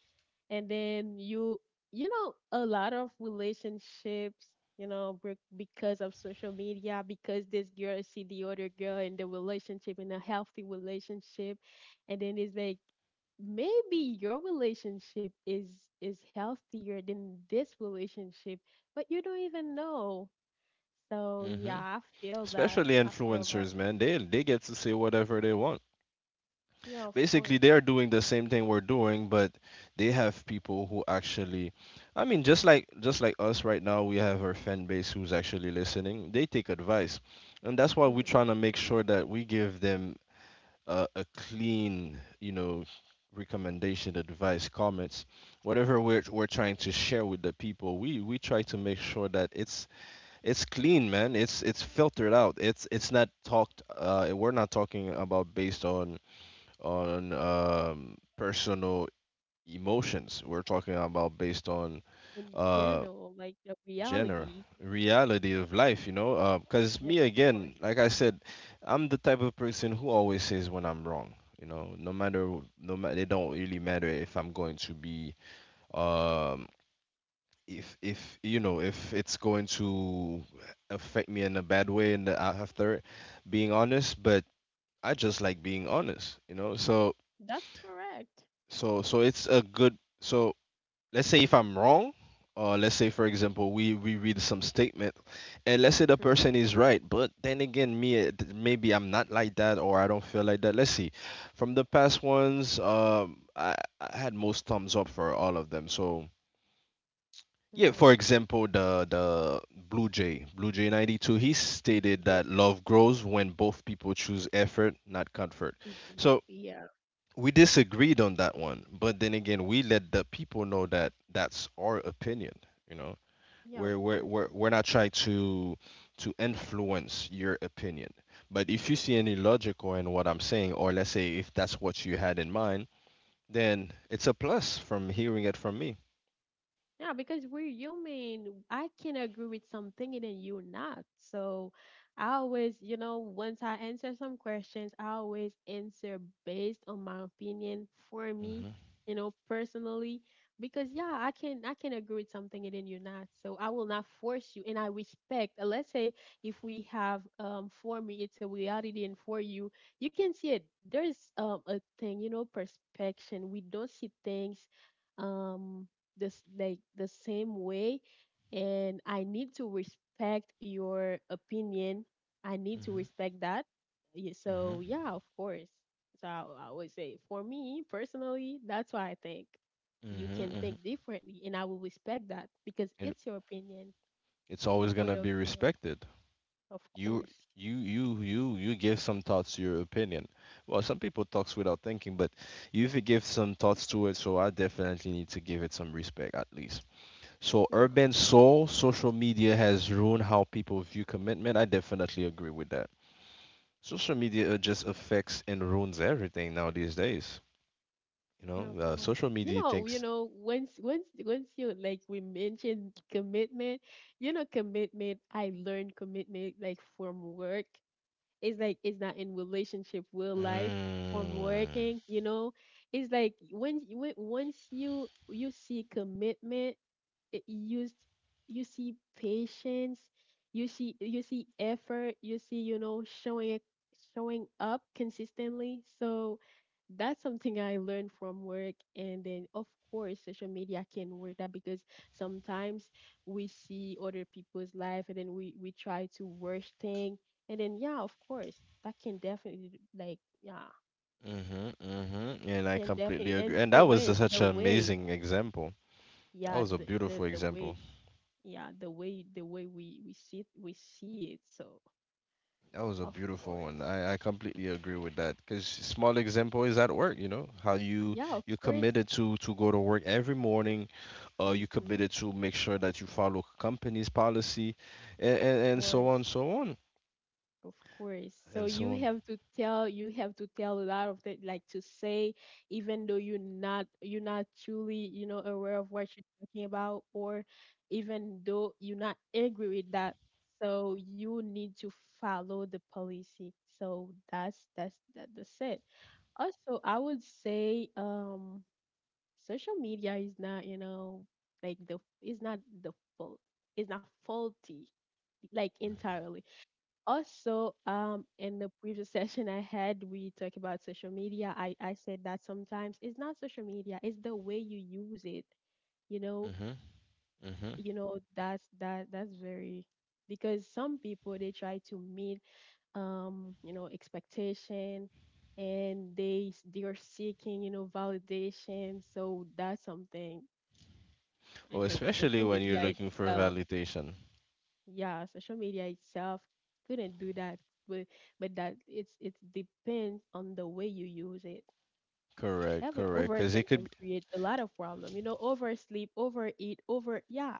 And then a lot of relationships break because of social media, because this girl see the other girl in the relationship, in a healthy relationship, and then it's like maybe your relationship is healthier than this relationship, but you don't even know. So Mhm. yeah, i feel that Especially i feel that influencers, man. They get to say whatever they want. Yeah, of Basically course. they're doing the same thing we're doing, but they have people who actually, I mean, just like us right now, we have our fan base who's actually listening, they take advice, and that's why we're hmm trying to make sure that we give them a clean, you know, recommendation, advice, comments, whatever we're, trying to hmm share with the people. We try to make sure that it's clean, man, it's filtered out, it's not talked, we're not talking about based on personal emotions. We're talking about based on in uh, general, like the genre, reality. reality Yeah, of life, you know. Because yeah, me, of again, course. like I said, I'm the type of person who always says when I'm wrong. You know, no matter, no matter, it don't really matter if I'm going to be, um, if you know, if it's going to affect me in a bad way, and after being honest, but I just like being honest, you know. So That's correct. So so it's a good so let's say if I'm wrong, let's say, for example, we read some statement, and let's say the Mm-hmm. person is right, but then again me, maybe I'm not like that or I don't feel like that. Let's see. From the past ones, I had most thumbs up for all of them. So yeah, Mm-hmm. for example, the Blue Jay, Blue Jay 92, he stated Yeah. that love grows when both people choose effort, not comfort. Mm-hmm. So Yeah. we disagreed on that one, but then again, we let the people know that that's our opinion. You know, Yeah, of course. We're not trying to influence your opinion. But if you see any logical in what I'm saying, or let's say if that's what you had in mind, then it's a plus from hearing it from me. Yeah, because we're human. I can agree with something and then you not. So I always, once I answer some questions, I always answer based on my opinion, for me, Mm-hmm. Personally. Because yeah, I can agree with something and then you're not. So I will not force you, and I respect. Let's say if we have, for me it's a reality, and for you, you can see it. There's, a thing, perspection. We don't see things, um this, like, the same way, and I need to respect your opinion. I need to hmm respect that. Hmm So yeah, of course. So I would say, for me personally, that's why I think hmm you can hmm think differently, and I will respect that because And it's your opinion, it's your always gonna point of be view, respected. of you course. You give some thoughts to your opinion, well, some people talks without thinking, but you, if you give some thoughts to it, so I definitely need to give it some respect, at least. So Yeah. Urban Soul: social media has ruined how people view commitment. I definitely agree with that. Social media just affects and ruins everything now these days, you know. Yeah, of course. Social media thinks once you, like, we mentioned commitment, commitment, I learned commitment, like, from work. It's like it's not in relationship with life, from mm, working. It's like when, once you see commitment, it- you s- you see patience, you see effort, you see, showing up consistently. So that's something I learned from work. And then of course social media can work that, because sometimes we see other people's life, and then we try to worst thing. And then yeah, of course, that can definitely, like, yeah, hmm and I can definitely completely agree. And that was influence such the an way, amazing example. That yeah, was a the the, beautiful the example. way, yeah, the way we see it. So That was a of beautiful one. course. I completely agree with that because small example is at work. You know how you Yeah, of you course. committed to go to work every morning. You Hmm committed to make sure that you follow company's policy, and of and so on, course. so on, Of course. So and you so on. have to tell you have to tell a lot of that, like, to say, even though you're not truly, aware of what you're talking about, or even though you're not angry with that. So you need to follow the policy. So that's it. Also, I would say, social media is not, like, the it's not the fault, it's not faulty, like, entirely. Also, in the previous session I had, we talked about social media. I said that sometimes it's not social media, it's the way you use it, you know hmm hmm that's very. Because some people, they try to meet expectation, and they are seeking, validation. So that's something. I Well, think especially social when you're media looking for itself, validation. yeah, social media itself couldn't do that, but that it depends on the way you use it. Correct, Every correct. Because it overthink could can be create a lot of problem. You know, oversleep, overeat, over yeah,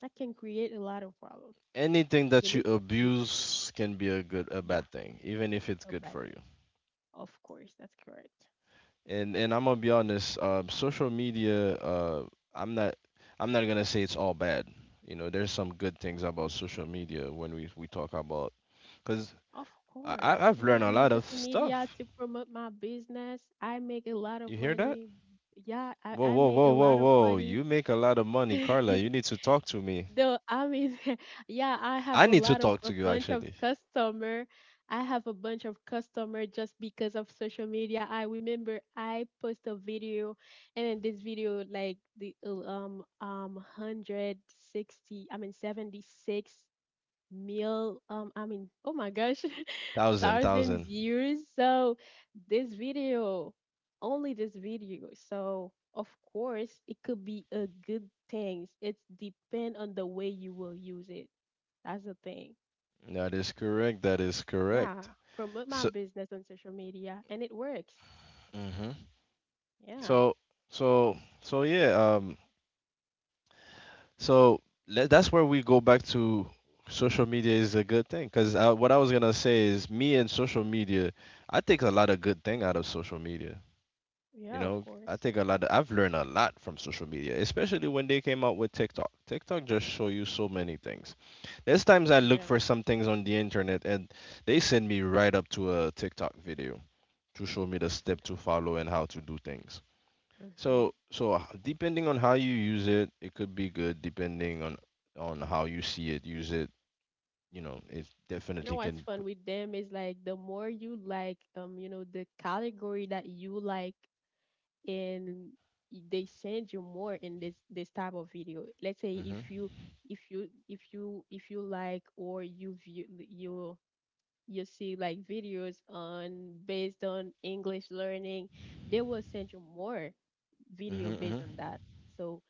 that can create a lot of problem. anything We that you need to eat, abuse can be a good a yeah, bad thing, even if it's a good bad for thing. you. Of course, that's correct. And I'm gonna be honest. Social media. I'm not. I'm not gonna say it's all bad. You know, there's some good things about social media when we talk about. Cause Of course, I've learned I a use lot of social media stuff. to promote my business. I make a lot You of hear that? money. Yeah, I, Whoa, I whoa, make whoa, a whoa, lot of whoa! money. You make a lot of money, Carla. You need to talk to me. No, I mean, yeah, I have I a need to lot of talk to a you bunch of actually. customer. I have a bunch of customer just because of social media. I remember I post a video, and then this video, like, the 160, I mean 76 meal, I mean, oh my gosh, Thousand thousands thousand. years. So this video, only this video. So of course it could be a good thing. It's depend on the way you will use it. That's the thing. That is correct. That is Yeah, correct. promote my So. business on social media, and it works. hmm Yeah. So so yeah. So that's where we go back to social media is a good thing because what I was gonna say is, me and social media, I take a lot of good thing out of social media. You Yeah. Of know, I course. take a lot of, I've learned a lot from social media, especially when they came out with TikTok. TikTok just show you so many things. There's times I look Yeah. for some things on the internet, and they send me right up to a TikTok video to show me the hmm step to follow and how to do things. hmm So, so depending on how you use it, it could be good. Depending on how you see it, use it. You know, it You know definitely what's can. fun with them is, like, the more you, like, the category that you like, and they send you more in this type of video. Let's say if Mm-hmm. you like, or you view, you see, like, videos on, based on english learning, they will send you more Mm-hmm. video Mm-hmm. based on that. So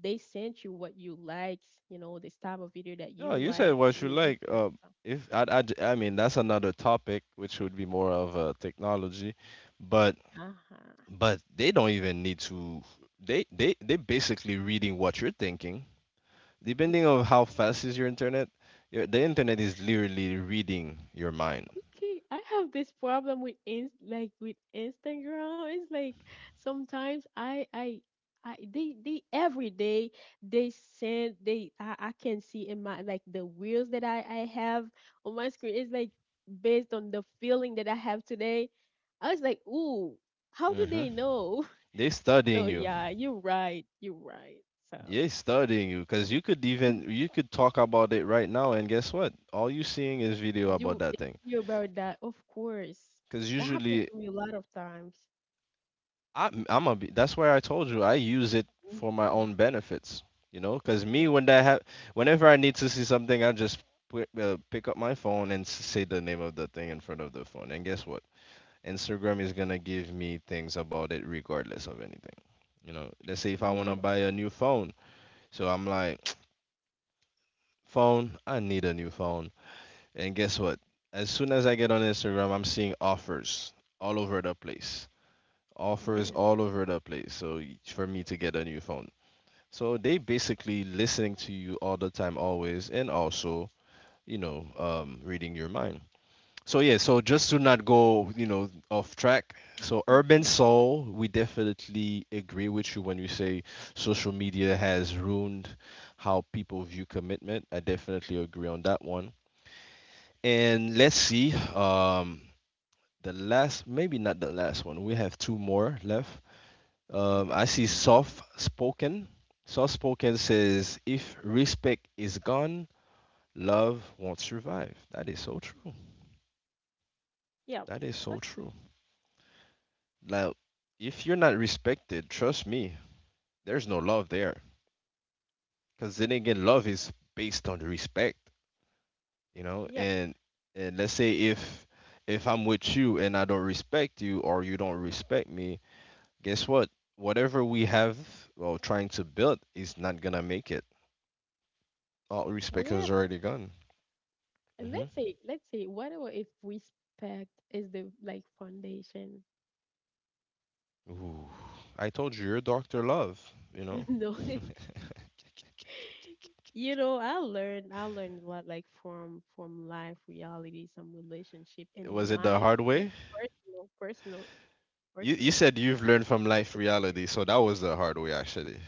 they sent you what you liked, this type of video that No, you you said like, what you you like. view. If I, I, j- I mean, that's another topic, which would be more of technology, but Uh-huh. but they don't even need to. They basically reading what you're thinking. Depending on how fast is your internet, the internet is literally reading your mind. Okay, I have this problem with, in, like, with Instagram. It's like sometimes I they every day, they send they I can see in my, like, the wheels that I have on my screen. It's like based on the feeling that I have today. I was like, ooh, how do Mm-hmm. they know? They So studying you. yeah, you're right. You're right. So They studying you because you could talk about it right now, and guess what? All you seeing is video about you that thing. you about that, of course. Because That happened usually to me a lot of times. That's why I told you I use it for my Hmm. own benefits. You know, because me Yeah. when whenever I need to see something, I just pick up my phone and say the name of the thing in front of the phone, and guess what? Instagram is gonna give me things about it regardless of anything. You know, let's say if I Yeah, wanna buy a new phone, so I'm like. Phone, I need a new phone. And guess what? As soon as I get on Instagram, I'm seeing offers all over the place. Offers yeah. all over the place. So for me to get a new phone. So they basically listening to you all the time, always, and also, you know, reading your mind. So yeah, so just to not go, you know, off track. So Mhm. urban soul, we definitely agree with you when you say social media has ruined how people view commitment. I definitely agree on that one. And let's see. The last, maybe not the last one. We have two more left. Okay. I see soft spoken. Soft spoken says, if respect is gone, love won't survive. That is so true. Yep. That is That's so true. Like, if you're not respected, trust me, there's no love there. Because then again, love is based on the respect, you know. yep. And let's say if I'm with you and I don't respect you or you don't respect me, guess what? Whatever we have or trying to build is not gonna make it. All respect Well, is already gone. Hmm let's say whatever about, if respect is, the, like, foundation? Ooh, I told you, you're Doctor Love. You know, No. You know, I learned a lot, like, from life, reality, some relationship, was and it the my, hard like, way? personal, personal, You personal said you've learned from life reality, experience. so that was the hard way actually.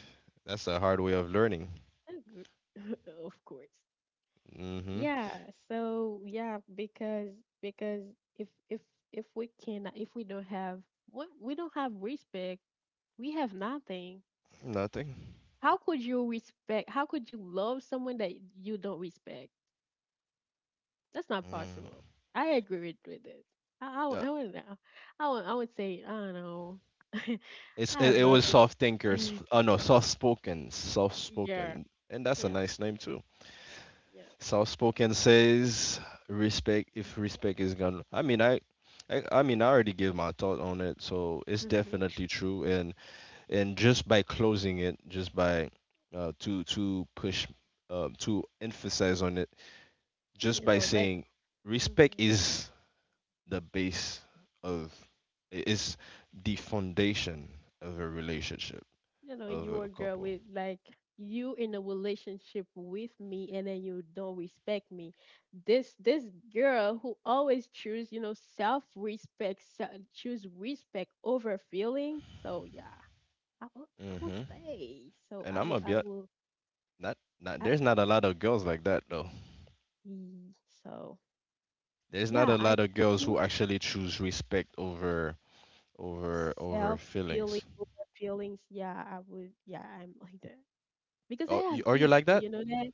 That's the hard way of learning. That's good. Of course. Hmm Yeah, so yeah, because because if if if we cannot if we don't have, what we don't have respect, we have nothing. Nothing. How could you respect? How could you love someone that you don't respect? That's not Mm. possible. I agree with it. I I, Uh, would- I would know. I would say, I don't know. I have it was nothing to soft thinkers. say. Oh no, soft Yeah, spoken, and that's a yeah, nice name too. yeah. South Spoken says respect if respect is gone. I mean, I already gave my thought on it, so it's hmm definitely true. And just by closing it, just by to push, to emphasize on it, just by let's. saying respect Mm-hmm. is the base of, is the foundation of a relationship of You a a girl couple. with, like, you in a relationship with me, and then you don't respect me. This girl who always choose, self respect, choose respect over feeling. So yeah, I will Hmm stay. So And I I'm will gonna I will not not. I, There's not a lot of girls like that though. mm, so There's not yeah, a I lot of girls do who actually choose respect over self feeling feelings. over feelings. Yeah, I would yeah, I'm like that. Because I Oh, have you, are you ego, like that? you know that.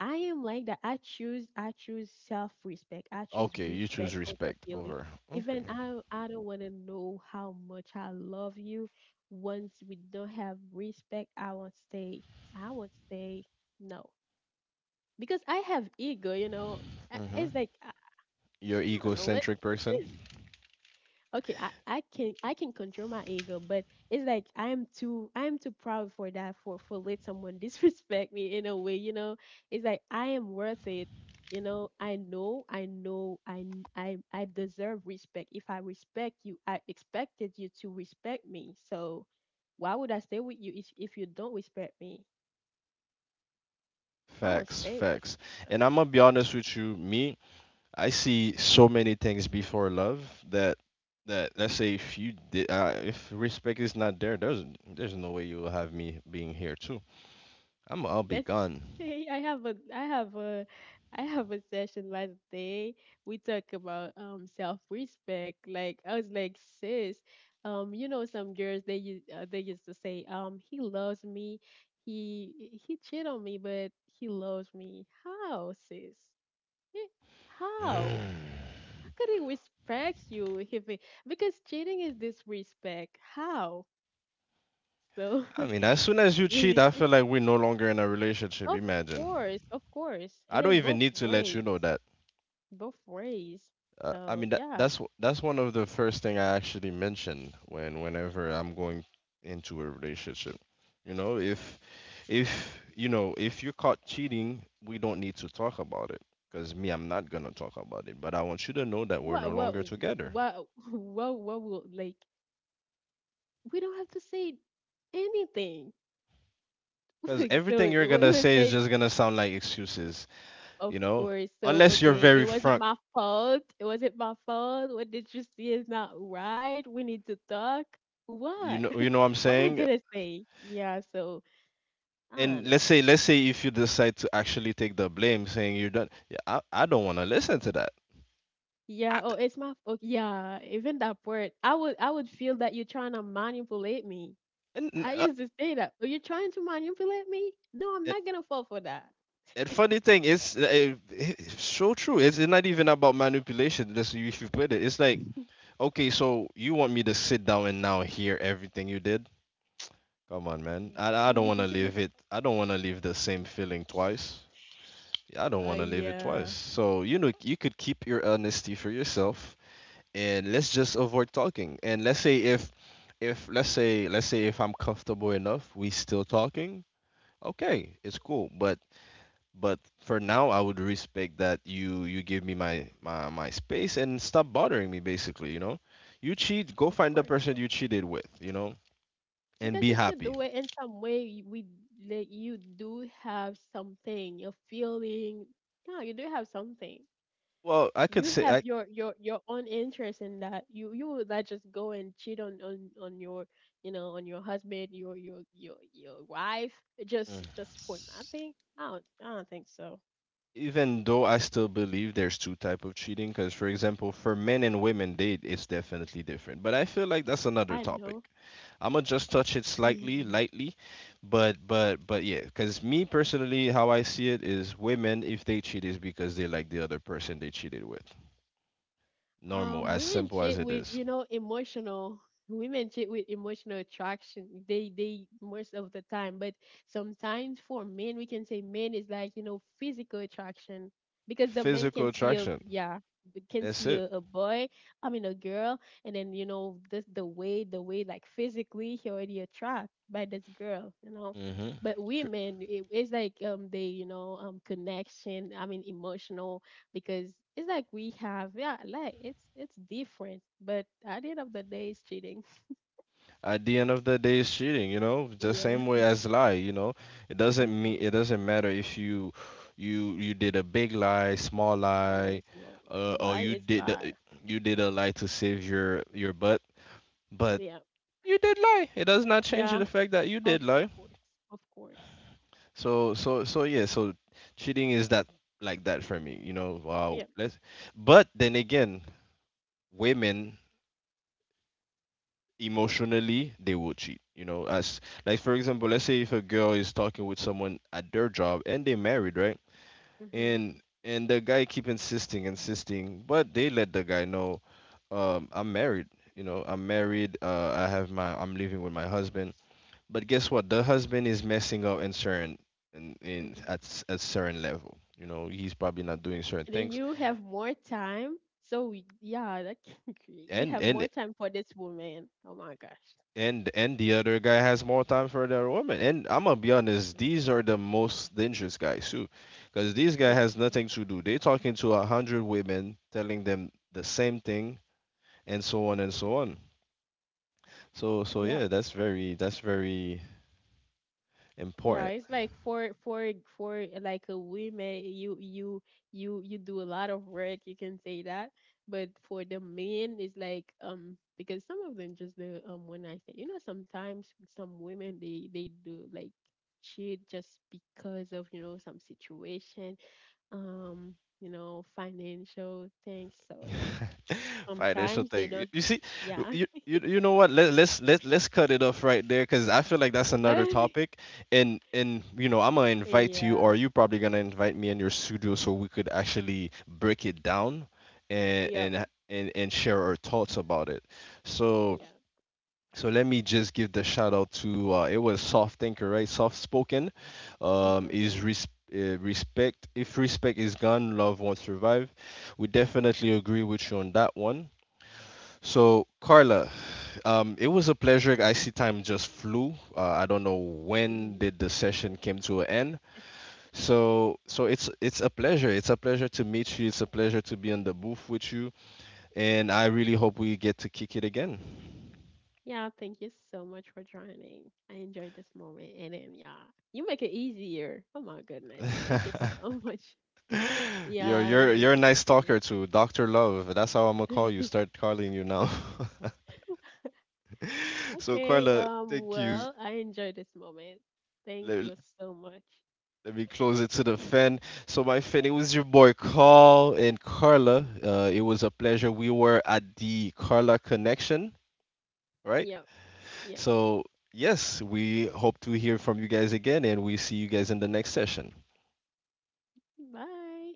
I am like that. I choose self respect. I choose Okay, you choose respect over respect feeling. over. Even Okay. I don't wanna know how much I love you. Once we don't have respect, I won't stay. I won't stay. No. Because I have ego, you know. Mm-hmm. It's like You're I don't know, but egocentric person. okay, I can control my ego, but it's like I am too proud for that, for let someone disrespect me in a way, you know. It's like I am worth it, I know, I deserve respect. If I respect you, I expected you to respect me. So why would I stay with you if you don't respect me? I won't Facts, stay with. facts. So. And I'm gonna be honest with you, me, I see so many things before love that that let's say if you did if respect is not there, there's no way you will have me being here too. I'll be Let's gone. say I have a I have a I have a session last day. We talk about self-respect. Like I was like, sis, some girls, they used to say, he loves me. He cheated on me, but he loves me. How, sis? Eh, How? How could he respect you if he, because cheating is disrespect? How? So. I mean, as soon as you cheat, Yeah. I feel like we're no longer in a relationship. Of Imagine. course, of course. I And don't then even both need to let you know ways. that. both ways. I So mean, yeah, that's that's one of the first thing I actually mention when whenever I'm going into a relationship. You know, if if you're caught cheating, we don't need to talk about it. Cause me, I'm not gonna talk about it. But I want you to know that we're no what longer together. what what will, like, we don't have to say anything. Cause Like, so everything you're it gonna was say is said, just gonna sound like excuses. You of know, course. So unless you're okay, it very wasn't frank. my fault. It wasn't my fault. What did you see is not right. We need to talk. What? You know what I'm What we're saying? gonna say? Yeah. So I don't And know. let's say if you decide to actually take the blame saying you're done. Yeah, I don't want to listen to that. Yeah, I, oh, it's my fault. Yeah, even that part, I would feel that you're trying to manipulate me. and, I uh, used to say that. Are you trying to manipulate me? No, I'm and, not gonna fall for that. and funny thing is it's so true. It's not even about manipulation. This you should put it, it's like okay, so you want me to sit down and now hear everything you did. Come on man, I don't want to live it. I don't want to live the same feeling twice. Yeah, I don't Oh want to live it twice, yeah, so you know you could keep your honesty for yourself and let's just avoid talking. And let's say if let's say if I'm comfortable enough, we still talking. Okay, it's cool. But for now, I would respect that you give me my space and stop bothering me. Basically, you know, you cheat, go of find the course. person you cheated with, you know, and Because be if you happy. do it in some way, we like you do have something. You're feeling. No, you do have something. Well, I could You say have I. your own interest in that. You would not just go and cheat on your, on your husband, your wife, Mm, just for nothing. I don't think so. even though I still believe there's two type of cheating, because for example, for men and women, they it's definitely different. But I feel like that's another I topic. know. I'm gonna just touch it slightly, lightly, but but yeah, because me personally, how I see it is, women if they cheat is because they like the other person they cheated with. Normal, as Women simple as cheat it with, is. you know, emotional. Women cheat with emotional attraction. They most of the time, but sometimes for men, we can say men is like, you know, physical attraction, because the man can Physical see a, attraction. yeah, they can That's see it. A boy, I mean a girl, and then you know this, the way, the way, like, physically he already attracted by this girl, you know. Hmm But women, it, it's like they, connection. I mean, emotional, because it's like we have, yeah, like, it's different. But at the end of the day, it's cheating. At the end of the day, it's cheating. You know, the same Yeah. way as lie. You know, it doesn't mean Mm-hmm. it doesn't matter if you did a big lie, small Or lie, as well. Or Lie you is did lie. the, you did a lie to save your butt. But Yeah. you did lie. It does not change Yeah, the fact that you of did lie. course. Of course. So yeah. So cheating is that like that for me. You know. Yeah. Let's. But then again, women emotionally they will cheat. You know, as like for example, let's say if a girl is talking with someone at their job and they married, right? Mm-hmm. And the guy keep insisting, insisting, but they let the guy know, I'm married. You know, I'm married. I have my. I'm living with my husband. But guess what? The husband is messing up in certain in Mm-hmm. at at certain level. You know, he's probably not doing certain And then things. you have more time. So we, yeah, that can create, you And have more and time for this woman. Oh my gosh. and the other guy has more time for the other woman. And I'm gonna be honest, Mhm. these are the most dangerous guys too, because these guy Yeah. has nothing to do. They talking to 100 women, telling them the same thing, and so on and Mm-hmm. so on. So Yeah. yeah, that's very Yeah, important. it's like for for, like, a women, you, you do a lot of work. You can say that, but for the men, it's like because some of them just the when I say, you know, sometimes some women, they do, like, cheat just because of, you know, some situation, you know, financial things. So Financial sometimes they thing. Don't, You see, yeah. You know what? Let's cut it off right there because I feel like that's But another topic. And you know, I'm gonna invite you, yeah, or you probably gonna invite me in your studio so we could actually break it down yeah, and share our thoughts about it. So. yeah. So let me just give the shout out to it was soft thinker, right? Soft spoken. Mhm. Is respect. If respect is gone, love won't survive. We definitely agree with you on that one. So Carla, it was a pleasure. I see time just flew. I don't know when Yeah. did the session came to an end. So it's a pleasure. It's a pleasure to meet you. It's a pleasure to be on the booth with you. And I really hope we get to kick it again. Yeah, thank you so much for joining. I enjoyed this moment. And then, yeah, you make it easier. Oh my goodness. Thank you so much. Yo, Yeah, you make you're a it nice easier. talker too, Dr. Love. That's how I'm gonna call you. Start calling you now. So Okay. Carla, thank you. Well, I enjoyed this moment. Thank Let, you so much. let me close it to the fan. So my fan, it was your boy Carl and Carla. It was a pleasure. We were at the Carla Connection, right? Yep. Yep. So yes, we hope to hear from you guys again, and we see you guys in the next session. Bye.